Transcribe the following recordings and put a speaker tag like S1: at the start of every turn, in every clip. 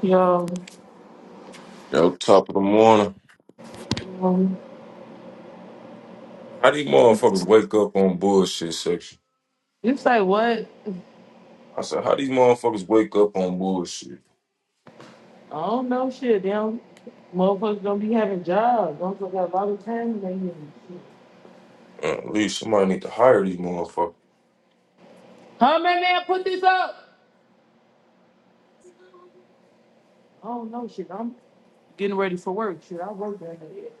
S1: Yo,
S2: Yo, top of the morning.
S1: um,
S2: How these motherfuckers wake up on bullshit section?
S1: it's like what?
S2: I said, how these motherfuckers wake up on bullshit?
S1: I don't know shit. Damn, motherfuckers don't be having jobs. Don't got a lot of time. They ain't-
S2: Uh, at least somebody need to hire these motherfuckers.
S1: Huh, man, man, put this up. I don't know shit. I'm getting ready for work. Shit, I work that day.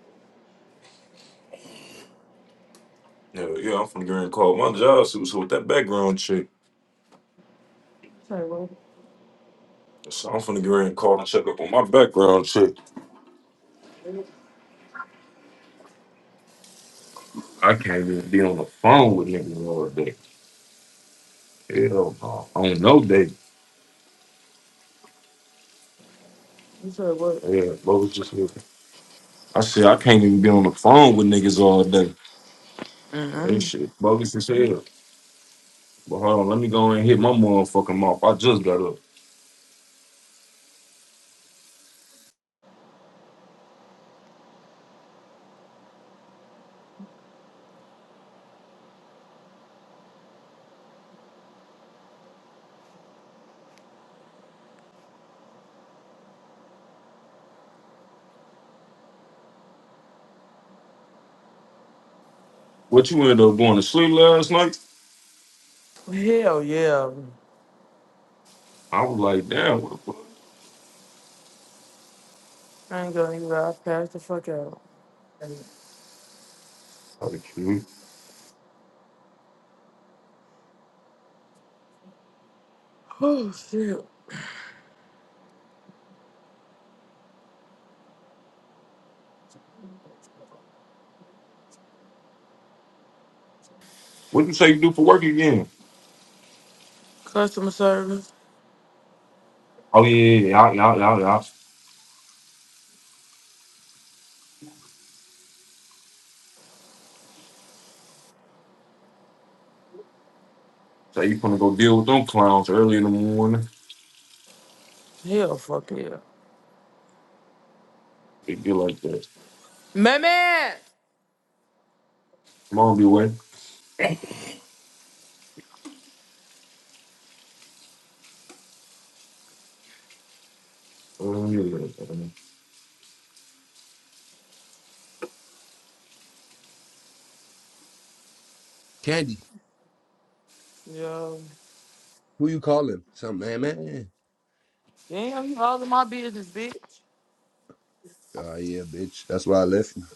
S2: Yeah, yeah, I'm from the Grand Call. My job suits with that background check.
S1: It's like what?
S2: So I'm from the Grand Call and check up on my background check. I can't even be on the phone with niggas all day. Hell no. On no day.
S1: It's like what?
S2: Yeah, bogus as hell. I said, I can't even be on the phone with niggas all day. That shit bogus as hell. But hold on, let me go and hit my motherfucking mouth. I just got up. What you end up going to sleep last night?
S1: Hell yeah.
S2: I was like, damn, what the fuck?
S1: I ain't gonna even lie. I passed the fuck out.
S2: Like, hmm.
S1: Oh shit.
S2: What you say you do for work again?
S1: Customer service.
S2: Oh yeah, yeah, yeah, yeah, yeah. yeah. yeah. So you gonna go deal with them clowns early in the morning?
S1: Hell fuck yeah.
S2: They get like that.
S1: Man, man.
S2: Come on, be away. Man,
S3: Candy,
S1: Yo.
S3: who you calling? Some man, man.
S1: Damn, you all in my business, bitch.
S3: Oh yeah, bitch. That's why I left you.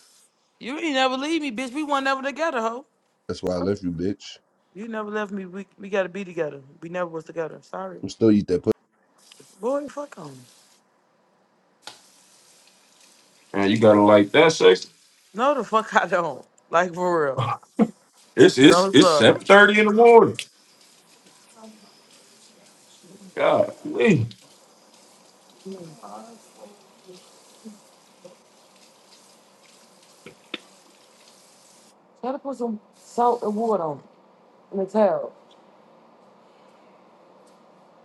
S1: You ain't never leave me, bitch. We weren't never together, ho.
S3: That's why I
S1: Fuck.
S3: left you, bitch.
S1: You never left me. We we gotta be together. We never was together. Sorry.
S3: I'm still eat that pussy.
S1: Boy, fuck on. me.
S2: you gotta like that sex.
S1: No the fuck I don't. Like for real.
S2: It's it's
S1: Don't
S2: it's
S1: look.
S2: seven thirty in the morning. God, please.
S1: Try to put some salt and water on it in the towel.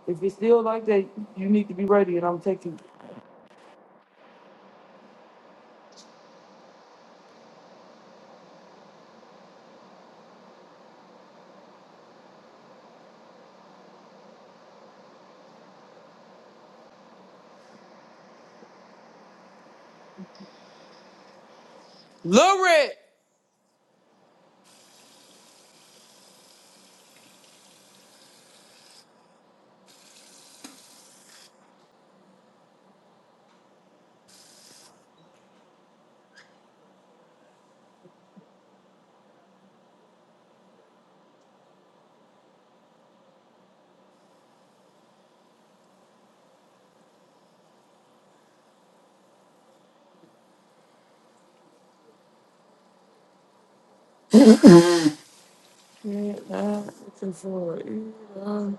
S1: If it's still like that, you need to be ready and I'm taking Lurid! Yeah, nah, it's in for it. Yeah.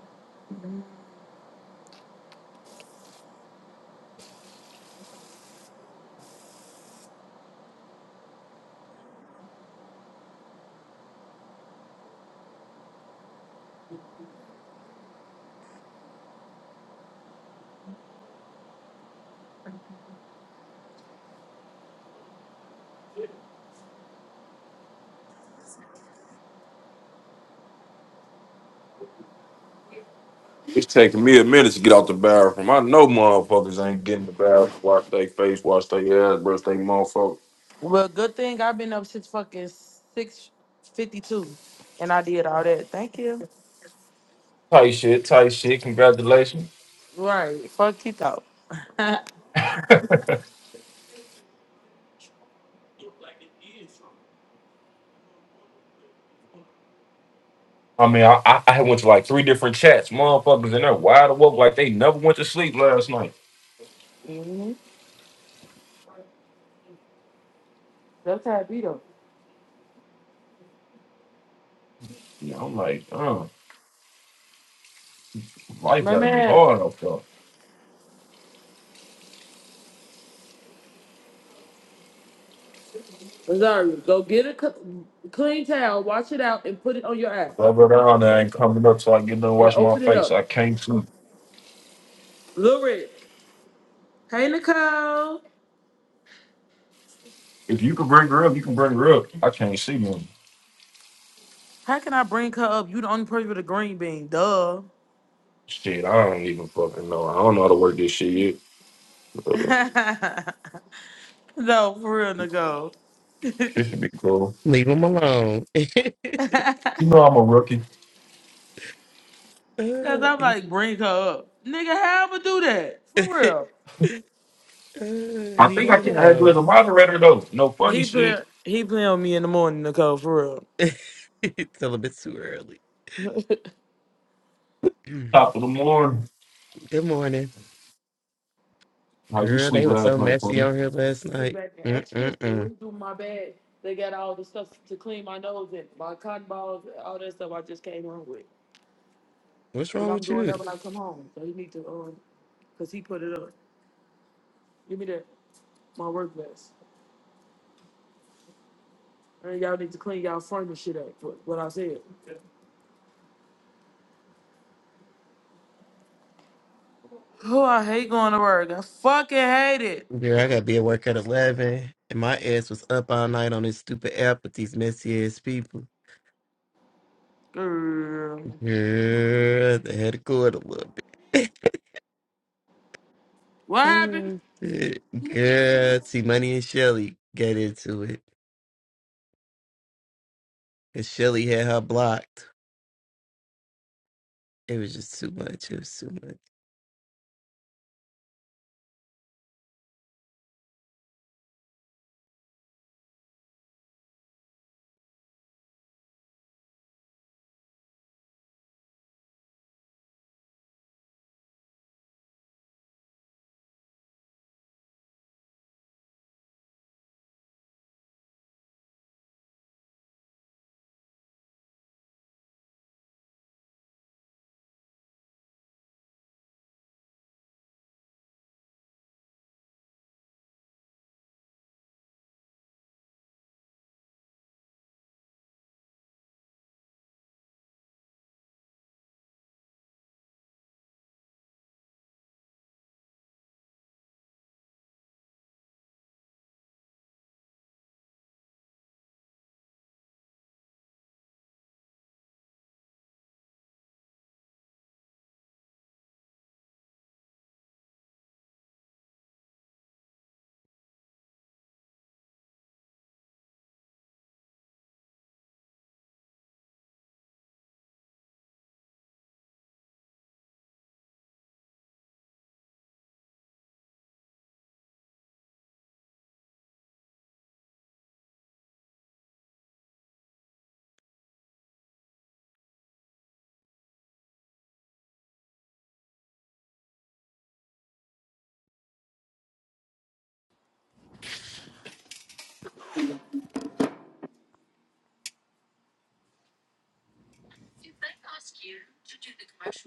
S2: It's taking me a minute to get out the bathroom. I know motherfuckers ain't getting the bathroom, wash their face, wash their ass, brush their motherfucker.
S1: Well, good thing I've been up since fucking six fifty two and I did all that. Thank you. Right. Fuck it out.
S2: I mean, I, I I went to like three different chats. Motherfuckers in there wide awake like they never went to sleep last night.
S1: hmm That's how it be though.
S2: Yeah, I'm like, oh, life
S1: My
S2: gotta be
S1: man,
S2: hard up there.
S1: Rosario, go get a cl- clean towel, wash it out, and put it on your eye,
S2: Rubber down there ain't coming up till I get done
S1: and
S2: washing my
S1: open it
S2: face. I
S1: up.
S2: can't see.
S1: Lil Red. Hey Nicole.
S2: If you can bring her up, you can bring her up. I can't see them.
S1: How can I bring her up? You the only person with a green bean. Duh.
S2: Shit, I don't even fucking know. I don't know how to work this shit yet. Uh,
S1: no, for real, Nicole.
S2: She should be cool.
S4: Leave him alone.
S2: You know I'm a rookie.
S1: Cause
S4: Uh,
S1: I'm
S4: he's-
S1: like, bring her up, nigga. How I'ma do that? For real.
S4: Uh,
S2: I
S4: he
S2: think
S1: He
S2: I
S4: don't
S2: can
S1: put
S2: add you as
S4: know.
S2: a moderator though. No funny
S1: he
S2: shit.
S1: put he play on me in the morning, Nicole. For real.
S4: it's a little bit too early.
S2: Top of the morning.
S4: Good morning,
S2: How you
S4: girl.
S2: sleep
S4: They were
S2: last
S4: so
S2: night,
S4: messy
S2: Queen?
S4: on here last
S1: They do
S4: night.
S1: back there. Extras, they
S4: Mm-mm-mm.
S1: wouldn't do my bag. They got all the stuff to clean my nose and my cotton balls, and all that stuff I just came home with.
S4: What's
S1: Because
S4: wrong
S1: I'm
S4: with
S1: doing that
S4: you,
S1: when I come home. So he need to, um, because he put it up. Give me that, my work vest. And y'all need to clean y'all frame and shit up for what I said. Oh, I hate going to work. I fucking hate it.
S4: girl? I gotta be at work at eleven, and my ass was up all night on this stupid app with these messy ass people.
S1: Girl.
S4: Girl, they had to go it a little bit.
S1: What happened?
S4: Oh, shit. girl, T Money and Shelly get into it. Cause Shelly had her blocked. It was just too much. It was too much.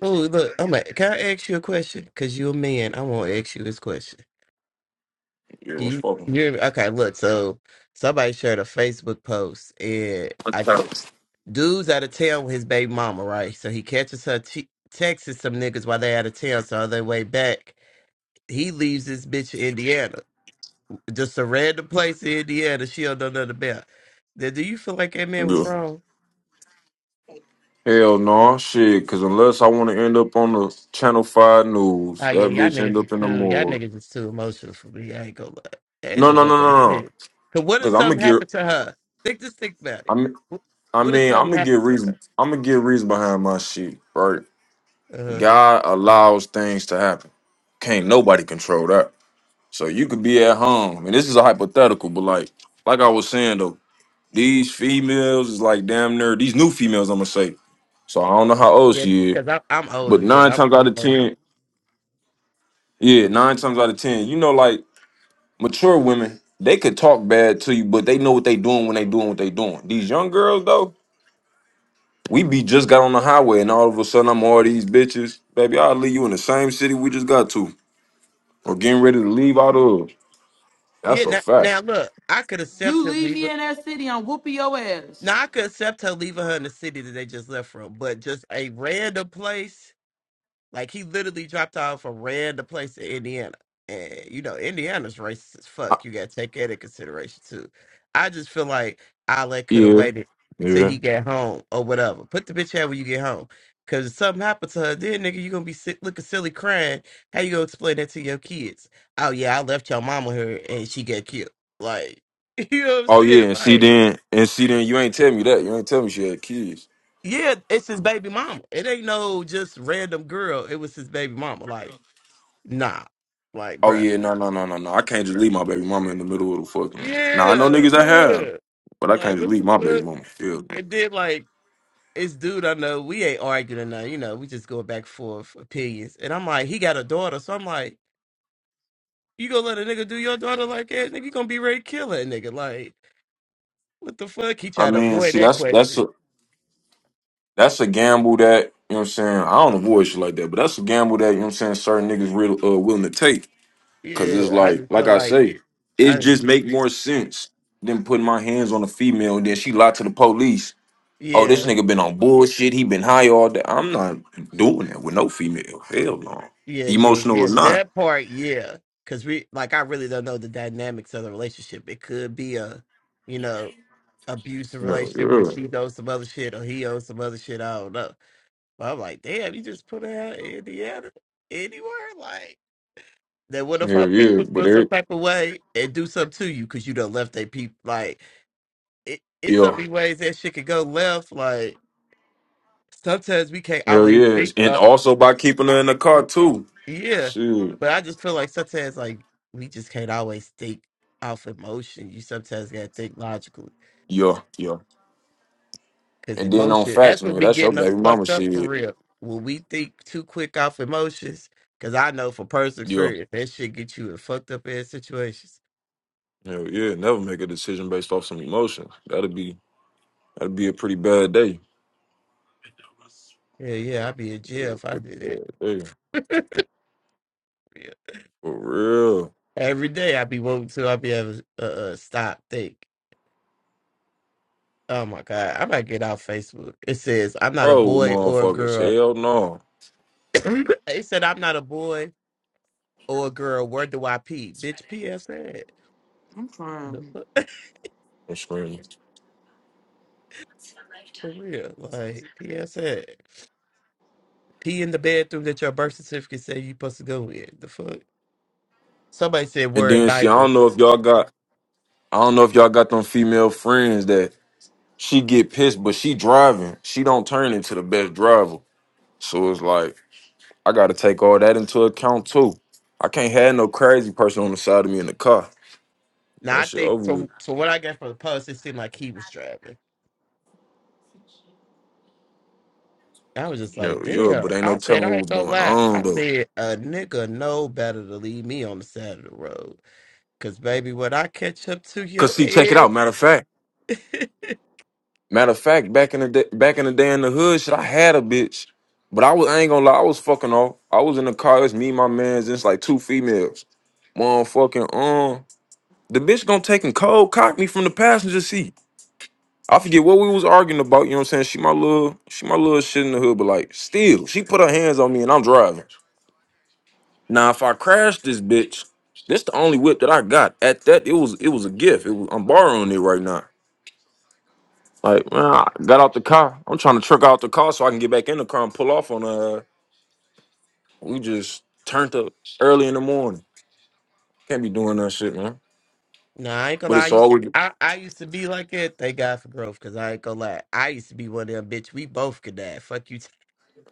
S4: Oh, look, I'm like, can I ask you a question? Cause you a man. I won't ask you this question.
S2: Yeah, it
S4: Can
S2: was
S4: you
S2: fucking.
S4: you hear me? Okay, look, so somebody shared a Facebook post and
S2: I'm
S4: I
S2: tired.
S4: dude's out of town with his baby mama, right? So he catches her t- texting some niggas while they out of town, so on their way back. He leaves this bitch in Indiana. Just a random place in Indiana she don't know nothing about. Now, do you feel like that man was
S2: Yeah.
S4: wrong?
S2: Hell no, shit. Cause unless I want to end up on the Channel Five news,
S4: Oh yeah,
S2: that
S4: y'all
S2: bitch end
S4: niggas is
S2: up in the
S4: too. Y'all
S2: morgue.
S4: niggas is too emotional for me. I ain't gonna lie. I ain't
S2: No,
S4: gonna
S2: no,
S4: let
S2: no, no,
S4: that
S2: no. no,
S4: shit. Cause what if
S2: Cause I'm gonna
S4: something
S2: get.
S4: happened to her? Think just think about it.
S2: I'm.
S4: Wh-
S2: I
S4: What if
S2: mean, I'm
S4: something
S2: gonna get
S4: happened to her?
S2: reason. I'm gonna get reason behind my shit, right?
S4: Uh
S2: God allows things to happen. Can't nobody control that. So you could be at home, and this is a hypothetical, but like, like I was saying though, these females is like damn near these new females. I'm gonna say. So I don't know how old
S4: yeah,
S2: she is,
S4: cause I'm I'm
S2: but
S4: older.
S2: nine
S4: Yeah, I'm
S2: times out
S4: I'm
S2: of
S4: older.
S2: ten, yeah, nine times out of ten, you know, like Mature women, they could talk bad to you, but they know what they doing when they doing what they doing. These young girls though, we be just got on the highway and all of a sudden I'm all these bitches. Baby, I'll leave you in the same city we just got to. Or getting ready to leave out of. That's
S4: Yeah.
S2: a
S4: Now,
S2: fact.
S4: now look, I could accept
S1: You
S4: her
S1: leave
S4: leaving.
S1: me in that city, I'm whooping your ass.
S4: Now I could accept her leaving her in the city that they just left from, but just a random place. Like he literally dropped off a random place in Indiana. And you know, Indiana's racist as
S2: I-
S4: fuck. You gotta take that into consideration too. I just feel like Ale could have
S2: yeah.
S4: waited till
S2: Yeah.
S4: he get home or whatever. Put the bitch out when you get home. Cause if something happened to her, then nigga, you gonna be sick, looking silly crying. How you gonna explain that to your kids? Oh yeah, I left your mama here and she got killed. Like, you know what I'm
S2: Oh yeah,
S4: saying?
S2: and see
S4: Like,
S2: then and see then you ain't tell me that. You ain't tell me she had kids.
S4: yeah, it's his baby mama. It ain't no just random girl. It was his baby mama. Like, nah. Like,
S2: Oh
S4: bruh.
S2: yeah, no, no, no, no, no. I can't just leave my baby mama in the middle of the fucking. Now I know
S4: Yeah,
S2: niggas that have,
S4: yeah.
S2: but I can't
S4: Like
S2: just
S4: what
S2: leave
S4: the
S2: my baby
S4: fuck?
S2: mama. Yeah.
S4: And then like it's dude I know, we ain't arguing or nothing, you know, we just going back and forth opinions. And I'm like, he got a daughter, so I'm like, you gonna let a nigga do your daughter like that? Nigga, you gonna be ready to kill that nigga. Like, what the fuck? He
S2: I
S4: tried to
S2: mean,
S4: avoid
S2: see,
S4: that
S2: that's that's
S4: question.
S2: that's a gamble that, you know what I'm saying? I don't avoid shit like that, but that's a gamble that, you know what I'm saying, certain niggas real uh, willing to take. Cause it's
S4: Yeah, I
S2: like,
S4: just
S2: like
S4: feel
S2: I
S4: like
S2: say, it
S4: I
S2: just make more sense than putting my hands on a female and then she lied to the police. Oh, this
S4: yeah,
S2: nigga been on bullshit. He been high all day. I'm not doing that with no female. Hell no.
S4: yeah, yeah,
S2: Emotional or
S4: yeah.
S2: not.
S4: That part, yeah. Cause we like I really don't know the dynamics of the relationship. It could be a you know abusive
S2: Hell
S4: relationship where she
S2: yeah.
S4: owes some other shit or he owes some other shit. I don't know. But I'm like, damn, you just put her out in Indiana anywhere? Like, then what if
S2: Hell
S4: our
S2: yeah.
S4: people
S2: But
S4: feel
S2: there,
S4: some type of way and do something to you because you done left their people? Like, it, it's so
S2: yeah.
S4: many ways that shit could go left. Like, sometimes we can't
S2: Hell
S4: always
S2: yeah.
S4: think
S2: And
S4: up.
S2: also by keeping her in the car too.
S4: Yeah.
S2: Shoot.
S4: But I just feel like sometimes, like, we just can't always think off emotion. You sometimes got to think logically.
S2: Yeah, yeah.
S4: Cause
S2: And then on
S4: emotion,
S2: facts,
S4: that's what
S2: nigga,
S4: be
S2: that's your
S4: getting us
S2: baby mama
S4: fucked up for
S2: shit.
S4: real. When we think too quick off emotions, cause I know for personal
S2: Yeah.
S4: experience that shit get you in fucked up ass situations.
S2: Hell yeah. Never make a decision based off some emotion. That'd be that'd be a pretty bad day.
S4: Yeah, yeah, I'd be in
S2: Yeah,
S4: jail if I
S2: pretty
S4: did
S2: bad day.
S4: that. Yeah.
S2: For real.
S4: Every day I'd be woke to, I'd be having a uh, uh, stop think. Oh my god, I might get off Facebook. It says I'm not a
S2: Bro,
S4: boy or a
S2: motherfuckers.
S4: girl.
S2: Hell no.
S4: it said I'm not a boy or a girl. Where do I pee, bitch? PSA.
S1: I'm
S4: The
S1: crying.
S4: fuck?
S2: I'm screaming.
S4: For real, like PSA. Pee in the bathroom that your birth certificate said you supposed to go in. The fuck? Somebody said
S2: And
S4: wear a
S2: then see, I
S4: diaper.
S2: don't know if y'all got I don't know if y'all got them female friends that she get pissed, but she driving. She don't turn into the best driver. So it's like, I gotta take all that into account too. I can't have no crazy person on the side of me in the car.
S4: Now
S2: That
S4: I
S2: shit
S4: think
S2: over with.
S4: from from what I got from the post, it seemed like he was driving. I was just like,
S2: Hell yeah,
S4: damn.
S2: but ain't no
S4: I said
S2: telling
S4: I
S2: what
S4: ain't
S2: was
S4: gonna
S2: going
S4: lie.
S2: on
S4: I
S2: though.
S4: said a nigga know better to leave me on the side of the road. Cause baby, when I catch up to your
S2: Cause see, check it out.
S4: ass.
S2: Matter of fact, matter of fact, back in the day, back in the day in the hood, shit, I had a bitch, but I was I ain't gonna lie, I was fucking off. I was in the car. It's me, and my man's, and it's like two females. Motherfucking um, the bitch gonna take and cold cock me from the passenger seat. I forget what we was arguing about. You know what I'm saying? She my little, she my little shit in the hood, but like still, she put her hands on me and I'm driving. Now, if I crash this bitch, this the only whip that I got. At that, it was it was a gift. It was, I'm borrowing it right now. Like, man, I got out the car. I'm trying to truck out the car so I can get back in the car and pull off on uh we just turned up early in the morning. Can't be doing that shit, man.
S4: Nah, I ain't gonna
S2: But
S4: lie. I
S2: it's
S4: used,
S2: always
S4: I, I used to be like it. Thank God for growth, cause I ain't gonna lie. I used to be one of them bitch. We both could die. Fuck you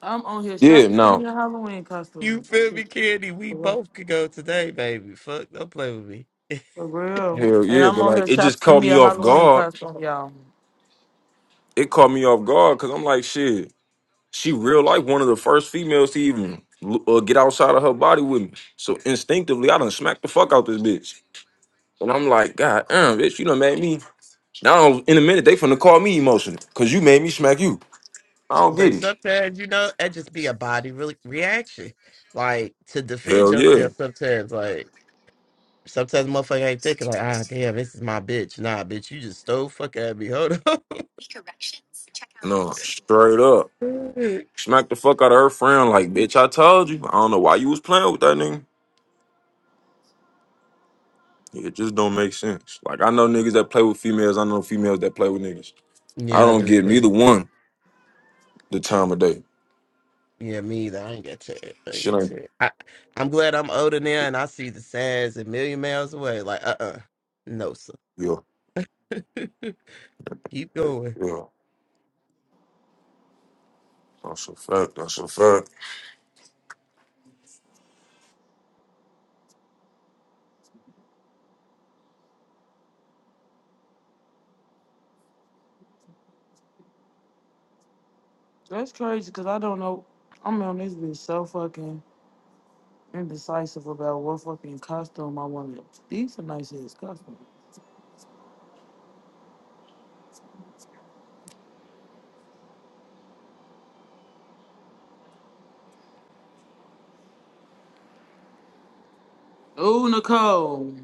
S1: I'm on here
S2: Yeah,
S1: shopping for me
S2: no.
S1: a Halloween
S4: You
S1: costume. This
S4: feel me,
S1: shit
S4: Candy? We both could go today, baby. Fuck, don't play with me.
S1: For real.
S2: Hell
S1: And
S2: yeah,
S1: I'm
S2: but
S1: on
S2: like
S1: here
S2: it just
S1: shopping for
S2: caught
S1: me
S2: me
S1: a
S2: off
S1: Halloween
S2: guard.
S1: costume, y'all.
S2: It caught me off guard because I'm like, shit, she real like one of the first females to even l- uh, get outside of her body with me. So instinctively, I done smacked the fuck out this bitch. And I'm like, God damn, bitch, you done made me. Now, in a minute, they finna call me emotional because you made me smack you. I don't get
S4: But
S2: it.
S4: sometimes, you know, it just be a body re- reaction. Like, to defend
S2: Hell yeah.
S4: yourself sometimes. Like, sometimes motherfucker ain't thinking, like, ah, damn, this is my bitch. Nah, bitch, you just stole fuck at me. Hold on.
S2: No, straight up. Smack the fuck out of her friend. Like, bitch, I told you. I don't know why you was playing with that nigga. It just don't make sense. Like, I know niggas that play with females. I know females that play with niggas. I
S4: yeah, I
S2: don't
S4: do.
S2: give neither
S4: too.
S2: one the time of day.
S4: Yeah, me either. I ain't get to it. I ain't
S2: Shit
S4: get
S2: ain't.
S4: to it. I, I'm glad I'm older now
S2: Yeah.
S4: and I see the signs a million miles away. Like, uh uh. No, sir.
S2: Yeah.
S4: Keep going.
S2: yeah. That's a fact. That's a fact.
S1: That's crazy because I don't know. I'm on this bitch so fucking indecisive about what fucking costume I want. These are nice ass costumes. Ooh, Nicole.